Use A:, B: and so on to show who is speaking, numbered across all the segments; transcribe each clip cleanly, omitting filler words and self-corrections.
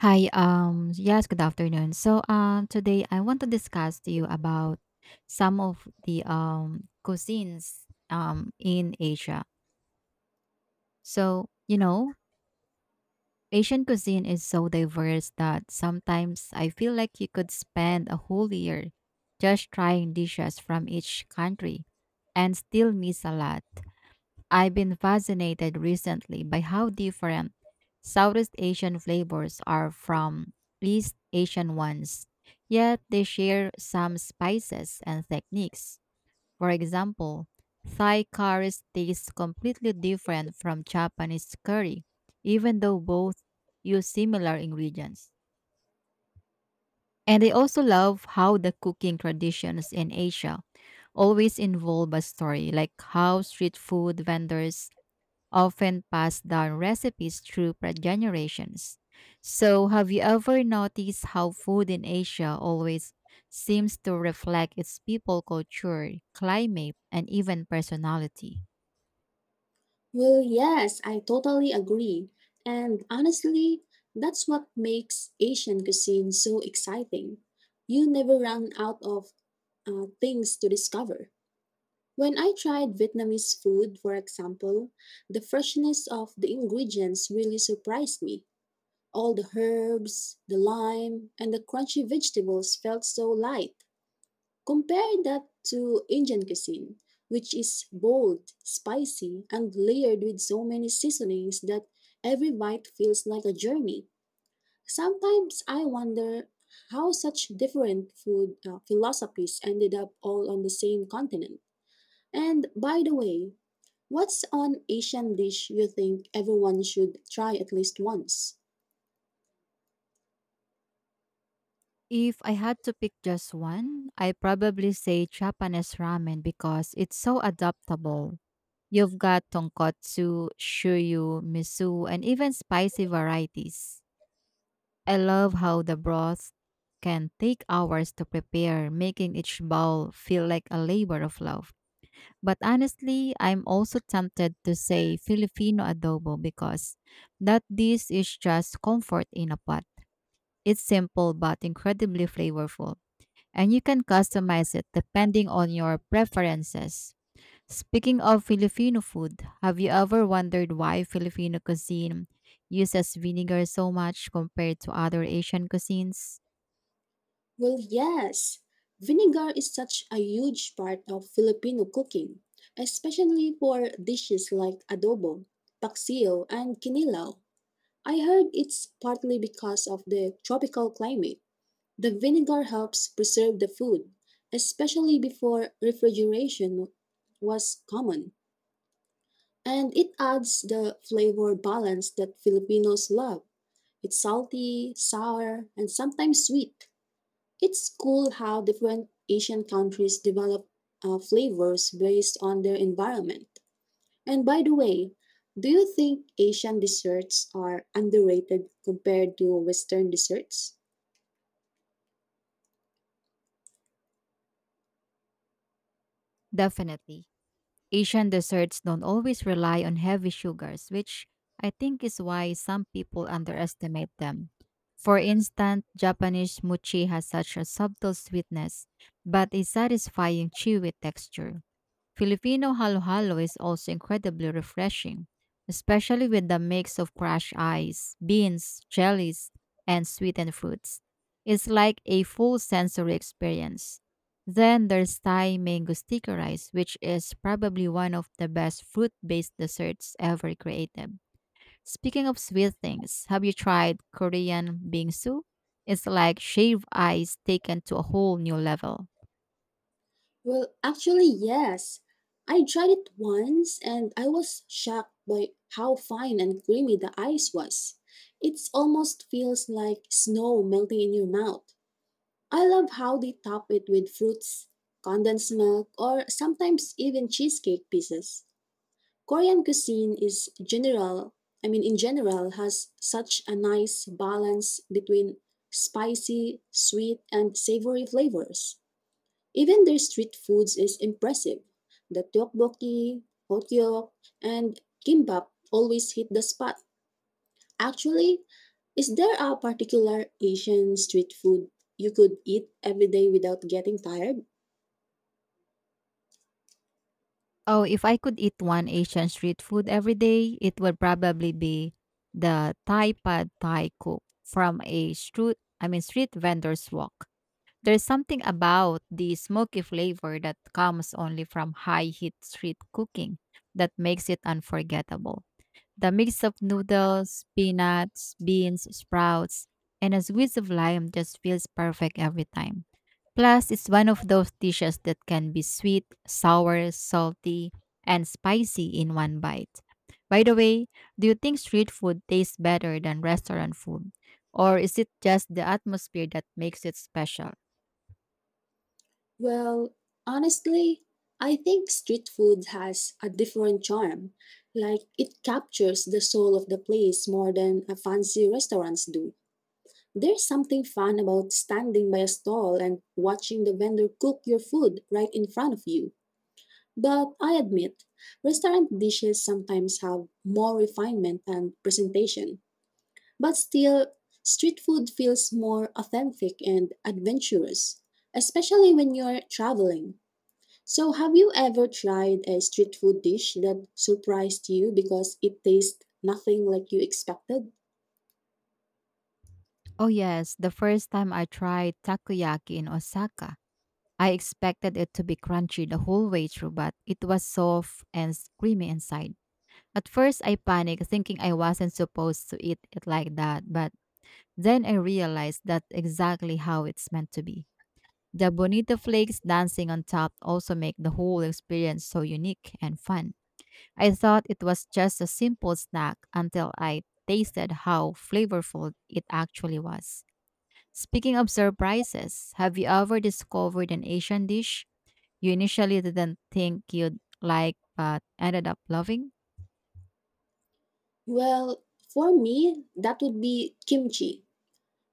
A: Hi, yes, good afternoon. So, today I want to discuss to you about some of the cuisines in Asia. So, you know, Asian cuisine is so diverse that sometimes I feel like you could spend a whole year just trying dishes from each country and still miss a lot. I've been fascinated recently by how different Southeast Asian flavors are from East Asian ones, yet they share some spices and techniques. For example, Thai curry tastes completely different from Japanese curry, even though both use similar ingredients. And I also love how the cooking traditions in Asia always involve a story, like how street food vendors often passed down recipes through generations. So, have you ever noticed how food in Asia always seems to reflect its people culture, climate, and even personality?
B: Well, yes, I totally agree. And honestly, that's what makes Asian cuisine so exciting. You never run out of things to discover. When I tried Vietnamese food, for example, the freshness of the ingredients really surprised me. All the herbs, the lime, and the crunchy vegetables felt so light. Compare that to Indian cuisine, which is bold, spicy, and layered with so many seasonings that every bite feels like a journey. Sometimes I wonder how such different food philosophies ended up all on the same continent. And by the way, what's an Asian dish you think everyone should try at least once?
A: If I had to pick just one, I probably say Japanese ramen because it's so adaptable. You've got tonkotsu, shoyu, miso, and even spicy varieties. I love how the broth can take hours to prepare, making each bowl feel like a labor of love. But honestly, I'm also tempted to say Filipino adobo because that dish is just comfort in a pot. It's simple but incredibly flavorful and you can customize it depending on your preferences. Speaking of Filipino food, have you ever wondered why Filipino cuisine uses vinegar so much compared to other Asian cuisines?
B: Well, yes. Vinegar is such a huge part of Filipino cooking, especially for dishes like adobo, paksiw, and kinilaw. I heard it's partly because of the tropical climate. The vinegar helps preserve the food, especially before refrigeration was common. And it adds the flavor balance that Filipinos love. It's salty, sour, and sometimes sweet. It's cool how different Asian countries develop flavors based on their environment. And by the way, do you think Asian desserts are underrated compared to Western desserts?
A: Definitely. Asian desserts don't always rely on heavy sugars, which I think is why some people underestimate them. For instance, Japanese mochi has such a subtle sweetness, but a satisfying chewy texture. Filipino halo-halo is also incredibly refreshing, especially with the mix of crushed ice, beans, jellies, and sweetened fruits. It's like a full sensory experience. Then there's Thai mango sticky rice, which is probably one of the best fruit-based desserts ever created. Speaking of sweet things, have you tried Korean bingsu? It's like shaved ice taken to a whole new level.
B: Well, actually, yes. I tried it once and I was shocked by how fine and creamy the ice was. It almost feels like snow melting in your mouth. I love how they top it with fruits, condensed milk, or sometimes even cheesecake pieces. Korean cuisine is general, I mean in general has such a nice balance between spicy, sweet, and savory flavors. Even their street foods is impressive. The tteokbokki, hotyok, and kimbap always hit the spot. Actually, is there a particular Asian street food you could eat every day without getting tired?
A: Oh, if I could eat one Asian street food every day, it would probably be the Thai pad Thai cook from a I mean street vendor's walk. There's something about the smoky flavor that comes only from high heat street cooking that makes it unforgettable. The mix of noodles, peanuts, beans, sprouts, and a squeeze of lime just feels perfect every time. Plus, it's one of those dishes that can be sweet, sour, salty, and spicy in one bite. By the way, do you think street food tastes better than restaurant food? Or is it just the atmosphere that makes it special?
B: Well, honestly, I think street food has a different charm. Like, it captures the soul of the place more than a fancy restaurants do. There's something fun about standing by a stall and watching the vendor cook your food right in front of you. But I admit, restaurant dishes sometimes have more refinement and presentation. But still, street food feels more authentic and adventurous, especially when you're traveling. So, have you ever tried a street food dish that surprised you because it tastes nothing like you expected?
A: Oh, yes, the first time I tried takoyaki in Osaka. I expected it to be crunchy the whole way through, but it was soft and creamy inside. At first, I panicked, thinking I wasn't supposed to eat it like that, but then I realized that's exactly how it's meant to be. The bonito flakes dancing on top also make the whole experience so unique and fun. I thought it was just a simple snack until I tasted how flavorful it actually was. Speaking of surprises, have you ever discovered an Asian dish you initially didn't think you'd like but ended up loving?
B: Well, for me, that would be kimchi.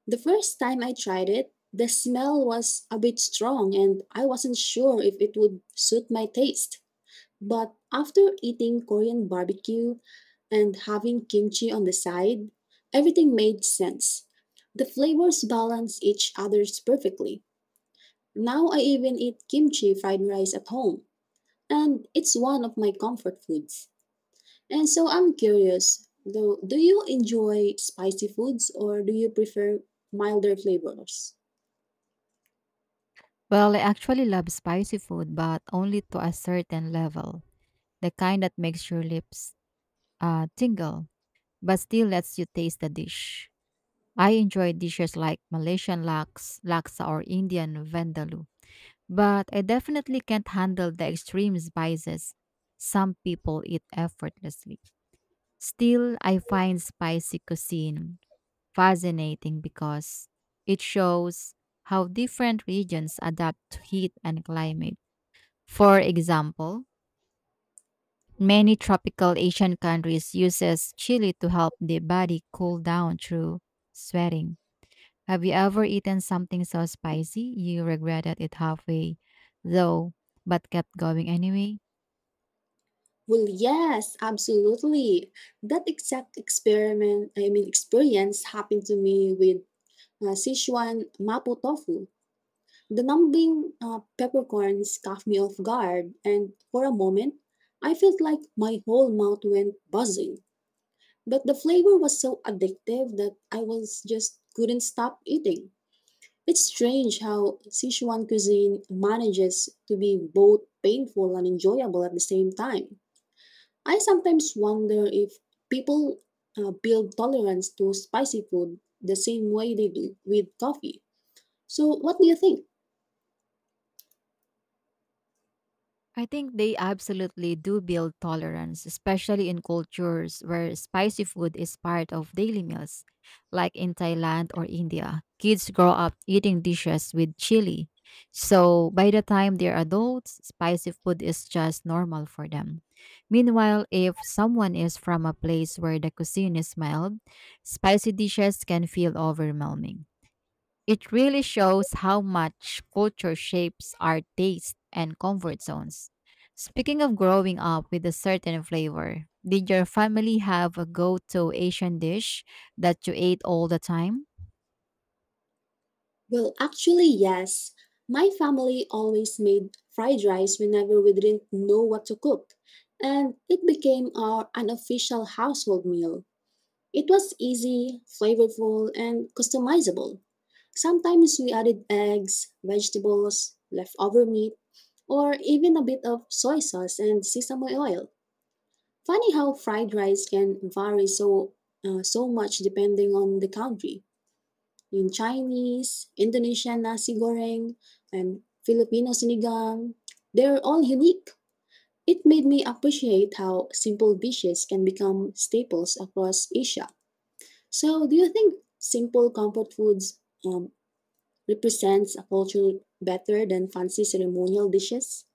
B: The first time I tried it, the smell was a bit strong and I wasn't sure if it would suit my taste. But after eating Korean barbecue and having kimchi on the side, everything made sense. The flavors balance each other's perfectly. Now I even eat kimchi fried rice at home, and it's one of my comfort foods. And so I'm curious, though, do you enjoy spicy foods or do you prefer milder flavors?
A: Well, I actually love spicy food, but only to a certain level, the kind that makes your lips tingle, but still lets you taste the dish. I enjoy dishes like laksa, or Indian vindaloo, but I definitely can't handle the extreme spices some people eat effortlessly. Still, I find spicy cuisine fascinating because it shows how different regions adapt to heat and climate. For example, many tropical Asian countries uses chili to help the body cool down through sweating. Have you ever eaten something so spicy you regretted it halfway, though, but kept going anyway?
B: Well, yes, absolutely. That exact experience happened to me with Sichuan mapo tofu. The numbing peppercorns caught me off guard, and for a moment, I felt like my whole mouth went buzzing. But the flavor was so addictive that I was just couldn't stop eating. It's strange how Sichuan cuisine manages to be both painful and enjoyable at the same time. I sometimes wonder if people build tolerance to spicy food the same way they do with coffee. So, what do you think?
A: I think they absolutely do build tolerance, especially in cultures where spicy food is part of daily meals, like in Thailand or India. Kids grow up eating dishes with chili. So by the time they're adults, spicy food is just normal for them. Meanwhile, if someone is from a place where the cuisine is mild, spicy dishes can feel overwhelming. It really shows how much culture shapes our taste and comfort zones. Speaking of growing up with a certain flavor, did your family have a go to Asian dish that you ate all the time?
B: Well, actually, yes. My family always made fried rice whenever we didn't know what to cook, and it became our unofficial household meal. It was easy, flavorful, and customizable. Sometimes we added eggs, vegetables, leftover meat, or even a bit of soy sauce and sesame oil. Funny how fried rice can vary so much depending on the country. Yung Chinese, Indonesian nasi goreng, and Filipino sinigang, they're all unique. It made me appreciate how simple dishes can become staples across Asia. So, do you think simple comfort foods represents a culture better than fancy ceremonial dishes?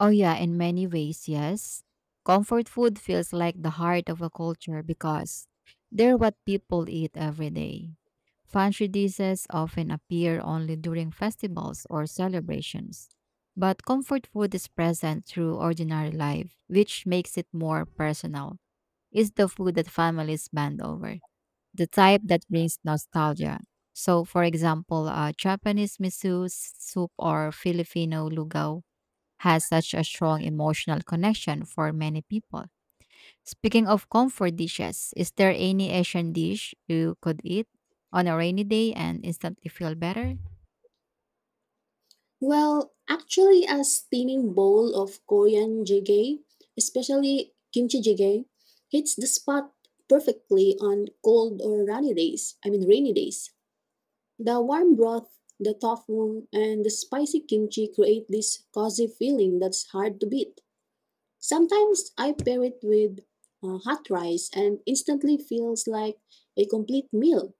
A: Oh, yeah, in many ways, yes. Comfort food feels like the heart of a culture because they're what people eat every day. Fancy dishes often appear only during festivals or celebrations, but comfort food is present through ordinary life, which makes it more personal. It's the food that families bond over, the type that brings nostalgia. So, for example, Japanese miso soup or Filipino lugaw has such a strong emotional connection for many people. Speaking of comfort dishes, is there any Asian dish you could eat on a rainy day and instantly feel better?
B: Well, actually, a steaming bowl of Korean jjigae, especially kimchi jjigae, hits the spot perfectly on cold or rainy days. I mean, rainy days. The warm broth, the tofu, and the spicy kimchi create this cozy feeling that's hard to beat. Sometimes I pair it with hot rice and instantly feels like a complete meal.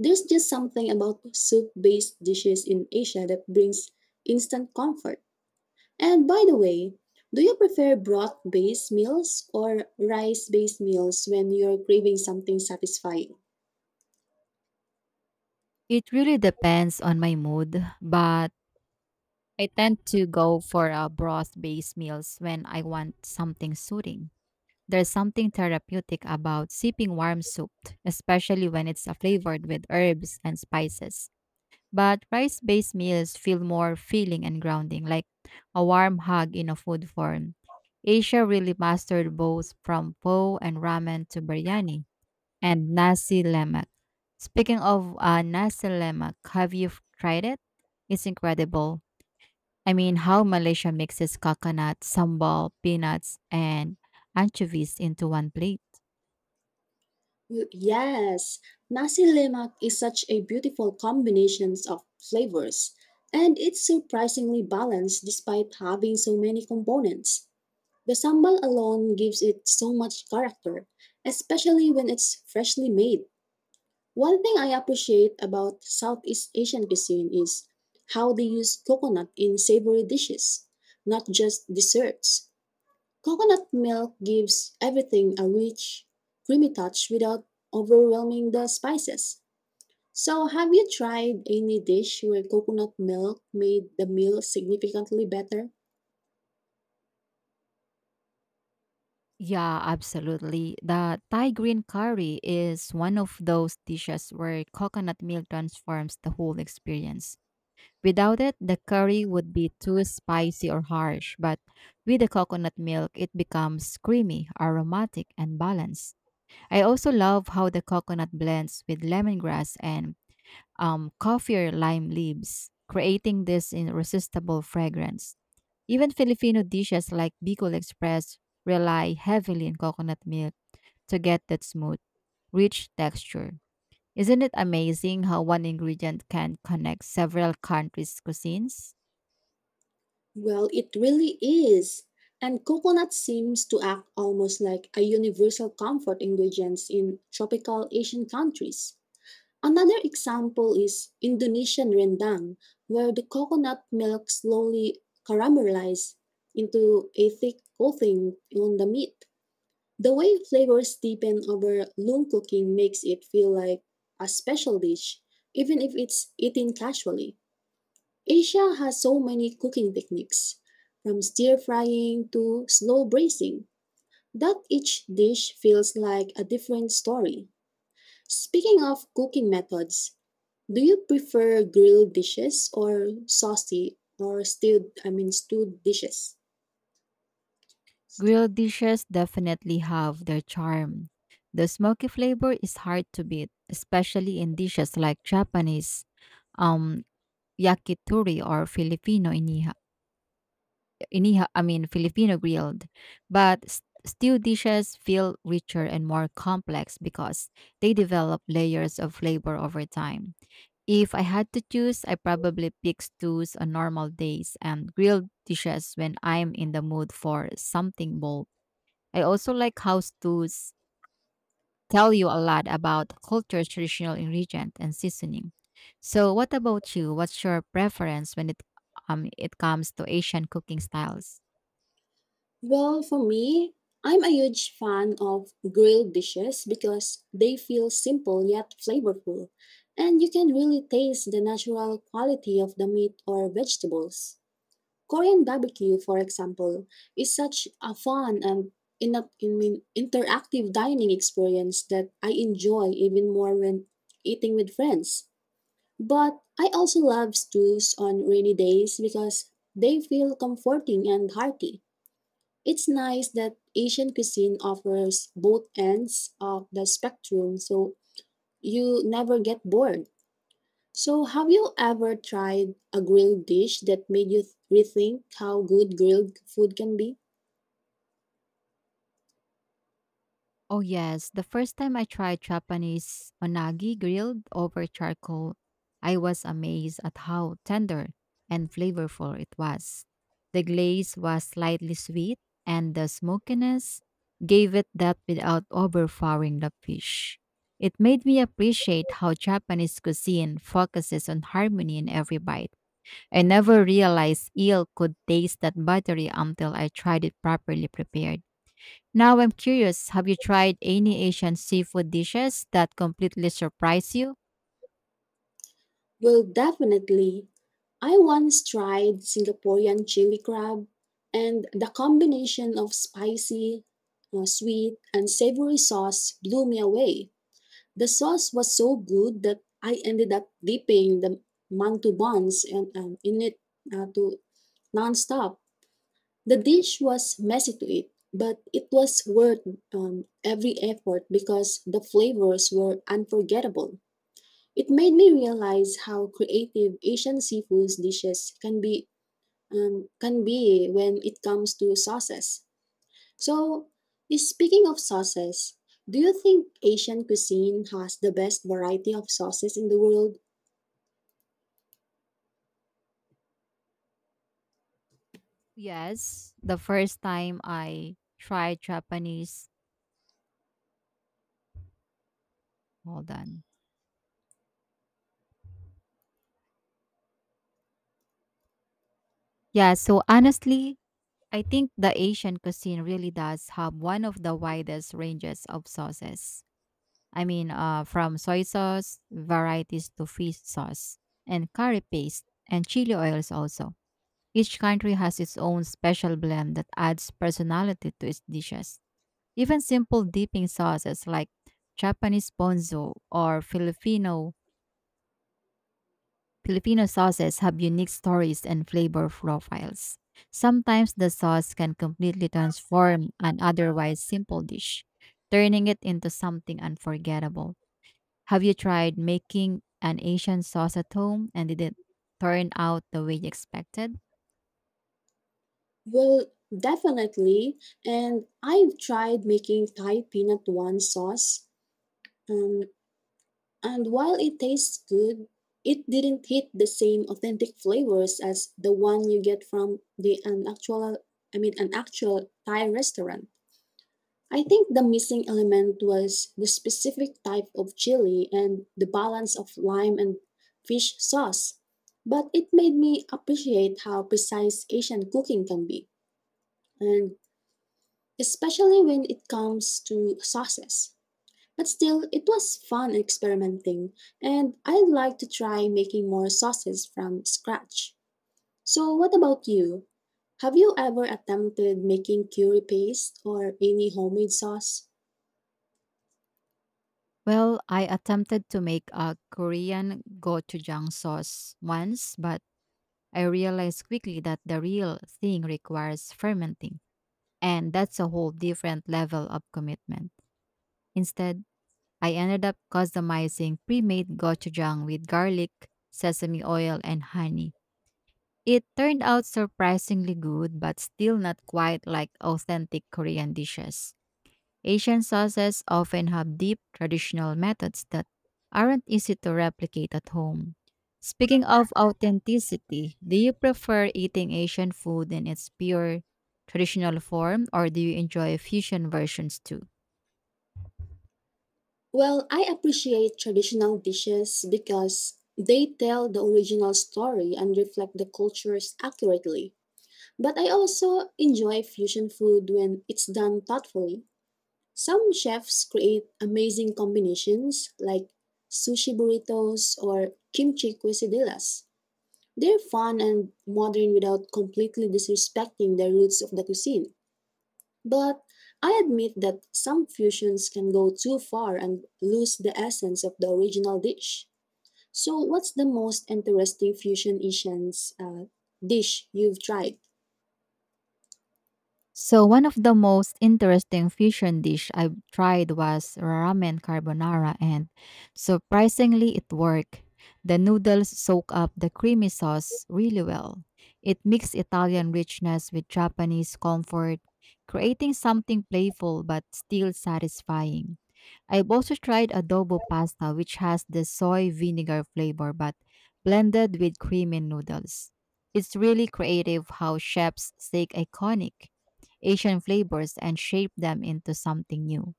B: There's just something about soup based dishes in Asia that brings instant comfort. And by the way, do you prefer broth based meals or rice based meals when you're craving something satisfying?
A: It really depends on my mood, but I tend to go for a broth-based meals when I want something soothing. There's something therapeutic about sipping warm soup, especially when it's flavored with herbs and spices. But rice based meals feel more filling and grounding, like a warm hug in a food form. Asia really mastered both from po and ramen to biryani and nasi lemak. Speaking of nasi lemak, have you tried it? It's incredible. I mean, how Malaysia mixes coconut, sambal, peanuts, and anchovies into one plate.
B: Yes, nasi lemak is such a beautiful combination of flavors, and it's surprisingly balanced despite having so many components. The sambal alone gives it so much character, especially when it's freshly made. One thing I appreciate about Southeast Asian cuisine is how they use coconut in savory dishes, not just desserts. Coconut milk gives everything a rich, creamy touch without overwhelming the spices. So, have you tried any dish where coconut milk made the meal significantly better?
A: Yeah, absolutely. The Thai green curry is one of those dishes where coconut milk transforms the whole experience. Without it, the curry would be too spicy or harsh, but with the coconut milk, it becomes creamy, aromatic, and balanced. I also love how the coconut blends with lemongrass and coffee or lime leaves, creating this irresistible fragrance. Even Filipino dishes like Bicol Express rely heavily on coconut milk to get that smooth, rich texture. Isn't it amazing how one ingredient can connect several countries' cuisines?
B: Well, it really is. And coconut seems to act almost like a universal comfort ingredient in tropical Asian countries. Another example is Indonesian rendang, where the coconut milk slowly caramelizes into a thick coating on the meat. The way flavors deepen over long cooking makes it feel like a special dish, even if it's eaten casually. Asia has so many cooking techniques, from stir frying to slow braising, that each dish feels like a different story. Speaking of cooking methods, do you prefer grilled dishes or saucy or stewed, I mean stewed dishes?
A: Grilled dishes definitely have their charm. The smoky flavor is hard to beat, especially in dishes like Japanese um, yakitori or iniha, I mean Filipino grilled. But stew dishes feel richer and more complex because they develop layers of flavor over time. If I had to choose, I probably pick stews on normal days and grilled dishes when I'm in the mood for something bold. I also like how stews tell you a lot about culture's traditional ingredient and seasoning. So, what about you? What's your preference when it comes to Asian cooking styles?
B: Well, for me, I'm a huge fan of grilled dishes because they feel simple yet flavorful, and you can really taste the natural quality of the meat or vegetables. Korean barbecue, for example, is such a fun and in a, I mean, interactive dining experience that I enjoy even more when eating with friends. But I also love stews on rainy days because they feel comforting and hearty. It's nice that Asian cuisine offers both ends of the spectrum so you never get bored. So, have you ever tried a grilled dish that made you rethink how good grilled food can be?
A: Oh yes, the first time I tried Japanese onagi grilled over charcoal, I was amazed at how tender and flavorful it was. The glaze was slightly sweet and the smokiness gave it that without overpowering the fish. It made me appreciate how Japanese cuisine focuses on harmony in every bite. I never realized eel could taste that buttery until I tried it properly prepared. Now I'm curious, have you tried any Asian seafood dishes that completely surprise you?
B: Well, definitely. I once tried Singaporean chili crab, and the combination of spicy, sweet, and savory sauce blew me away. The sauce was so good that I ended up dipping the mantubans and in it to nonstop. The dish was messy to eat, but it was worth every effort because the flavors were unforgettable. It made me realize how creative Asian seafood dishes can be when it comes to sauces. So, speaking of sauces, do you think Asian cuisine has the best variety of sauces in the world?
A: Yes, the first time I tried Japanese, hold on. Yeah, so honestly, I think the Asian cuisine really does have one of the widest ranges of sauces. I mean, from soy sauce varieties to fish sauce and curry paste and chili oils also. Each country has its own special blend that adds personality to its dishes. Even simple dipping sauces like Japanese ponzu or Filipino sauces have unique stories and flavor profiles. Sometimes the sauce can completely transform an otherwise simple dish, turning it into something unforgettable. Have you tried making an Asian sauce at home and did it turn out the way you expected?
B: Well, definitely. And I've tried making Thai peanut one sauce. Um, And while it tastes good, it didn't hit the same authentic flavors as the one you get from the an actual I mean an actual Thai restaurant. I think the missing element was the specific type of chili and the balance of lime and fish sauce. But it made me appreciate how precise Asian cooking can be, and especially when it comes to sauces. But still, it was fun experimenting, and I'd like to try making more sauces from scratch. So, what about you? Have you ever attempted making curry paste or any homemade sauce?
A: Well, I attempted to make a Korean gochujang sauce once, but I realized quickly that the real thing requires fermenting, and that's a whole different level of commitment. Instead, I ended up customizing pre-made gochujang with garlic, sesame oil, and honey. It turned out surprisingly good, but still not quite like authentic Korean dishes. Asian sauces often have deep traditional methods that aren't easy to replicate at home. Speaking of authenticity, do you prefer eating Asian food in its pure traditional form or do you enjoy fusion versions too?
B: Well, I appreciate traditional dishes because they tell the original story and reflect the cultures accurately. But I also enjoy fusion food when it's done thoughtfully. Some chefs create amazing combinations like sushi burritos or kimchi quesadillas. They're fun and modern without completely disrespecting the roots of the cuisine. But I admit that some fusions can go too far and lose the essence of the original dish. So, what's the most interesting fusion Asian's dish you've tried?
A: So one of the most interesting fusion dish I've tried was ramen carbonara and so surprisingly it worked. The noodles soak up the creamy sauce really well. It mixed Italian richness with Japanese comfort, creating something playful but still satisfying. I've also tried adobo pasta which has the soy vinegar flavor but blended with creamy noodles. It's really creative how chefs take iconic Asian flavors and shape them into something new.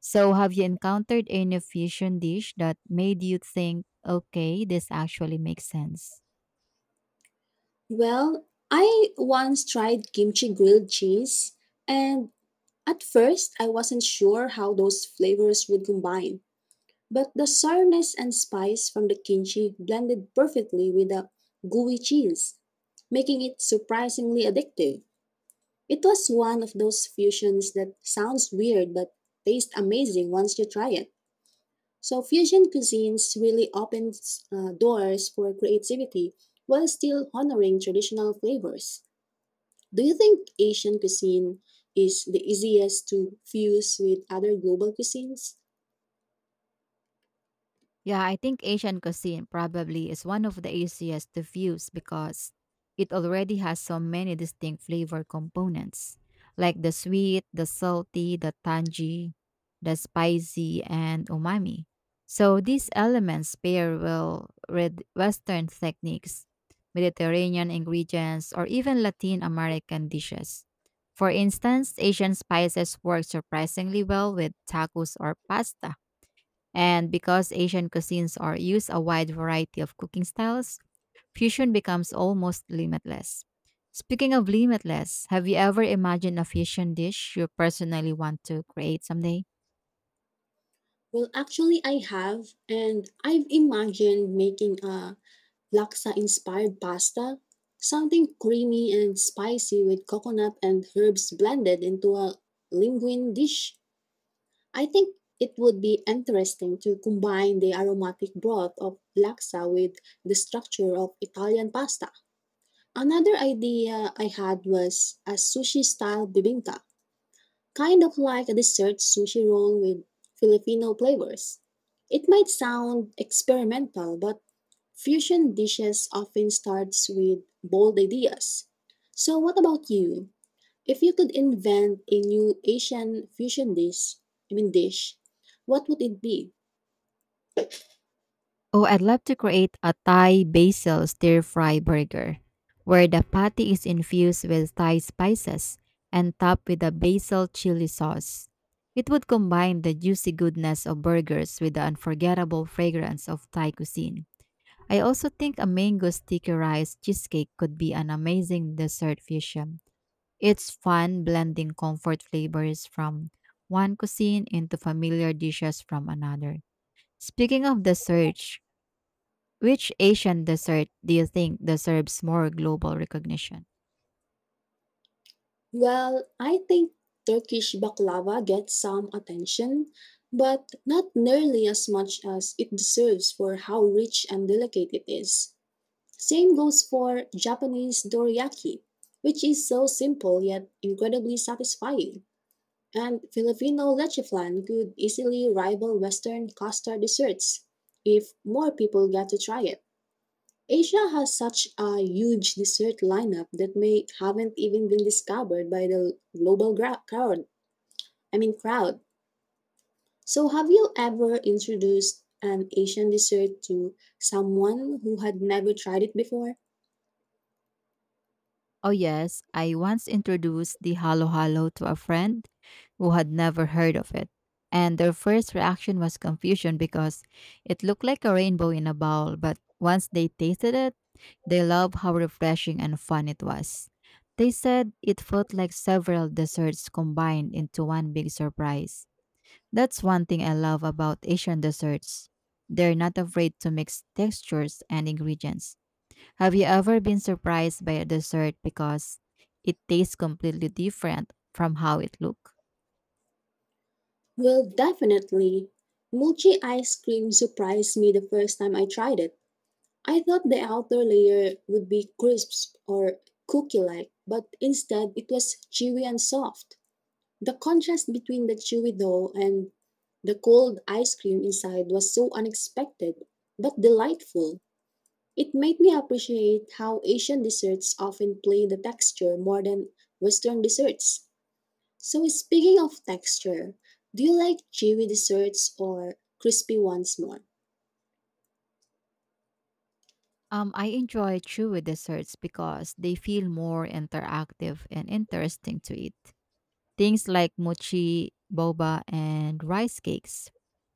A: So, have you encountered any fusion dish that made you think, okay, this actually makes sense?
B: Well, I once tried kimchi grilled cheese, and at first, I wasn't sure how those flavors would combine, but the sourness and spice from the kimchi blended perfectly with the gooey cheese, making it surprisingly addictive. It was one of those fusions that sounds weird but tastes amazing once you try it. So, fusion cuisines really opens doors for creativity while still honoring traditional flavors. Do you think Asian cuisine is the easiest to fuse with other global cuisines?
A: Yeah, I think Asian cuisine probably is one of the easiest to fuse because it already has so many distinct flavor components, like the sweet, the salty, the tangy, the spicy, and umami. So these elements pair well with Western techniques, Mediterranean ingredients, or even Latin American dishes. For instance, Asian spices work surprisingly well with tacos or pasta and because Asian cuisines are use a wide variety of cooking styles, fusion becomes almost limitless. Speaking of limitless, have you ever imagined a fusion dish you personally want to create someday?
B: Well, actually, I have, and I've imagined making a laksa inspired pasta, something creamy and spicy with coconut and herbs blended into a linguine dish. I think it would be interesting to combine the aromatic broth of laksa with the structure of Italian pasta. Another idea I had was a sushi style bibingka, kind of like a dessert sushi roll with Filipino flavors. It might sound experimental, but fusion dishes often starts with bold ideas. So what about you? If you could invent a new Asian fusion dish, I mean dish, what would it be?
A: Oh, I'd love to create a Thai basil stir fry burger where the patty is infused with Thai spices and topped with a basil chili sauce. It would combine the juicy goodness of burgers with the unforgettable fragrance of Thai cuisine. I also think a mango sticky rice cheesecake could be an amazing dessert fusion. It's fun blending comfort flavors from one cuisine into familiar dishes from another. Speaking of desserts, which Asian dessert do you think deserves more global recognition?
B: Well, I think Turkish baklava gets some attention, but not nearly as much as it deserves for how rich and delicate it is. Same goes for Japanese dorayaki, which is so simple yet incredibly satisfying. And Filipino leche flan could easily rival Western custard desserts if more people get to try it. Asia has such a huge dessert lineup that may haven't even been discovered by the global gra- crowd. I mean crowd. So have you ever introduced an Asian dessert to someone who had never tried it before?
A: Oh, yes. I once introduced the Halo Halo to a friend who had never heard of it. And their first reaction was confusion because it looked like a rainbow in a bowl. But once they tasted it, they loved how refreshing and fun it was. They said it felt like several desserts combined into one big surprise. That's one thing I love about Asian desserts. They're not afraid to mix textures and ingredients. Have you ever been surprised by a dessert because it tastes completely different from how it looked?
B: Well, definitely. Mochi ice cream surprised me the first time I tried it. I thought the outer layer would be crisp or cookie-like, but instead it was chewy and soft. The contrast between the chewy dough and the cold ice cream inside was so unexpected, but delightful. It made me appreciate how Asian desserts often play the texture more than Western desserts. So, speaking of texture, do you like chewy desserts or crispy ones more?
A: I enjoy chewy desserts because they feel more interactive and interesting to eat. Things like mochi, boba, and rice cakes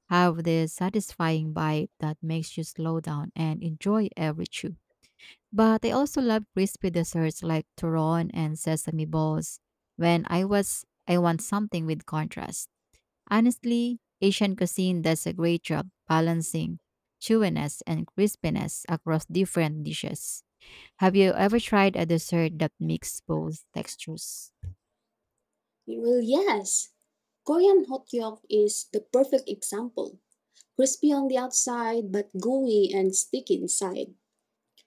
A: have this satisfying bite that makes you slow down and enjoy every chew. But I also love crispy desserts like turon and sesame balls when I want something with contrast. Honestly, Asian cuisine does a great job balancing chewiness and crispiness across different dishes. Have you ever tried a dessert that mixes both textures?
B: Well, yes. Korean hotyeok is the perfect example. Crispy on the outside, but gooey and sticky inside.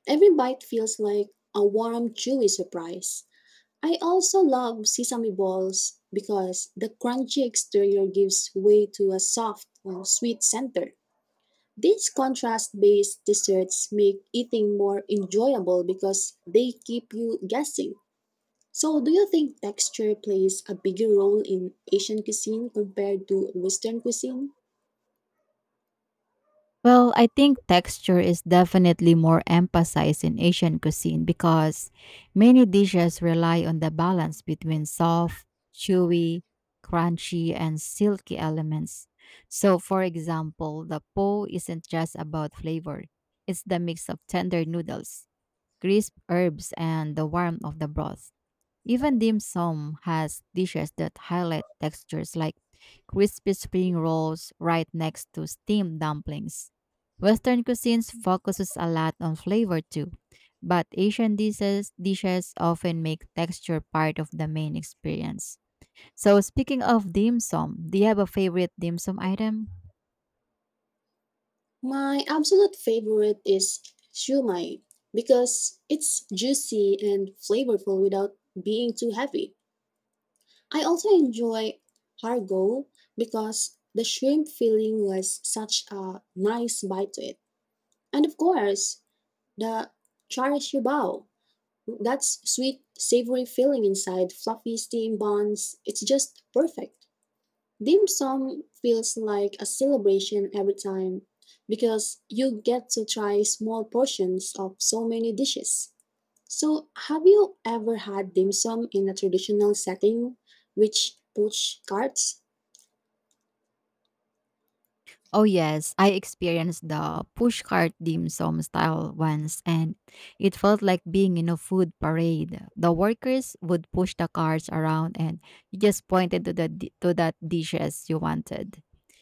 B: Every bite feels like a warm, chewy surprise. I also love sesame balls because the crunchy exterior gives way to a soft, sweet center. These contrast based desserts make eating more enjoyable because they keep you guessing. So, do you think texture plays a bigger role in Asian cuisine compared to Western cuisine?
A: Well, I think texture is definitely more emphasized in Asian cuisine because many dishes rely on the balance between soft, chewy, crunchy, and silky elements. So, for example, the po isn't just about flavor, it's the mix of tender noodles, crisp herbs, and the warmth of the broth. Even dim sum has dishes that highlight textures like crispy spring rolls right next to steamed dumplings. Western cuisines focuses a lot on flavor too, but Asian dishes often make texture part of the main experience. So speaking of dim sum, do you have a favorite dim sum item?
B: My absolute favorite is shumai because it's juicy and flavorful without being too heavy. I also enjoy hargo because the shrimp filling was such a nice bite to it. And of course, the char siu bao. That's sweet, savory filling inside fluffy steamed buns. It's just perfect. Dim sum feels like a celebration every time because you get to try small portions of so many dishes. So, have you ever had dim sum in a traditional setting, which push carts?
A: Oh yes, I experienced the pushcart dim sum style once and it felt like being in a food parade. The workers would push the carts around and you just pointed to to that dishes you wanted.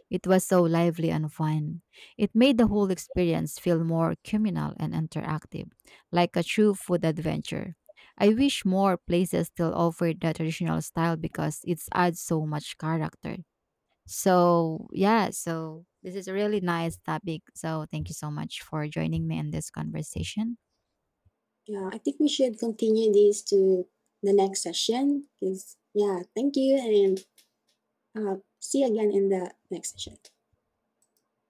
A: It was so lively and fun. It made the whole experience feel more communal and interactive, like a true food adventure. I wish more places still offered the traditional style because it adds so much character. So, yeah, so this is a really nice topic. So, thank you so much for joining me in this conversation.
B: Yeah, I think we should continue this to the next session. 'Cause- yeah, thank you, and see you again in the next session.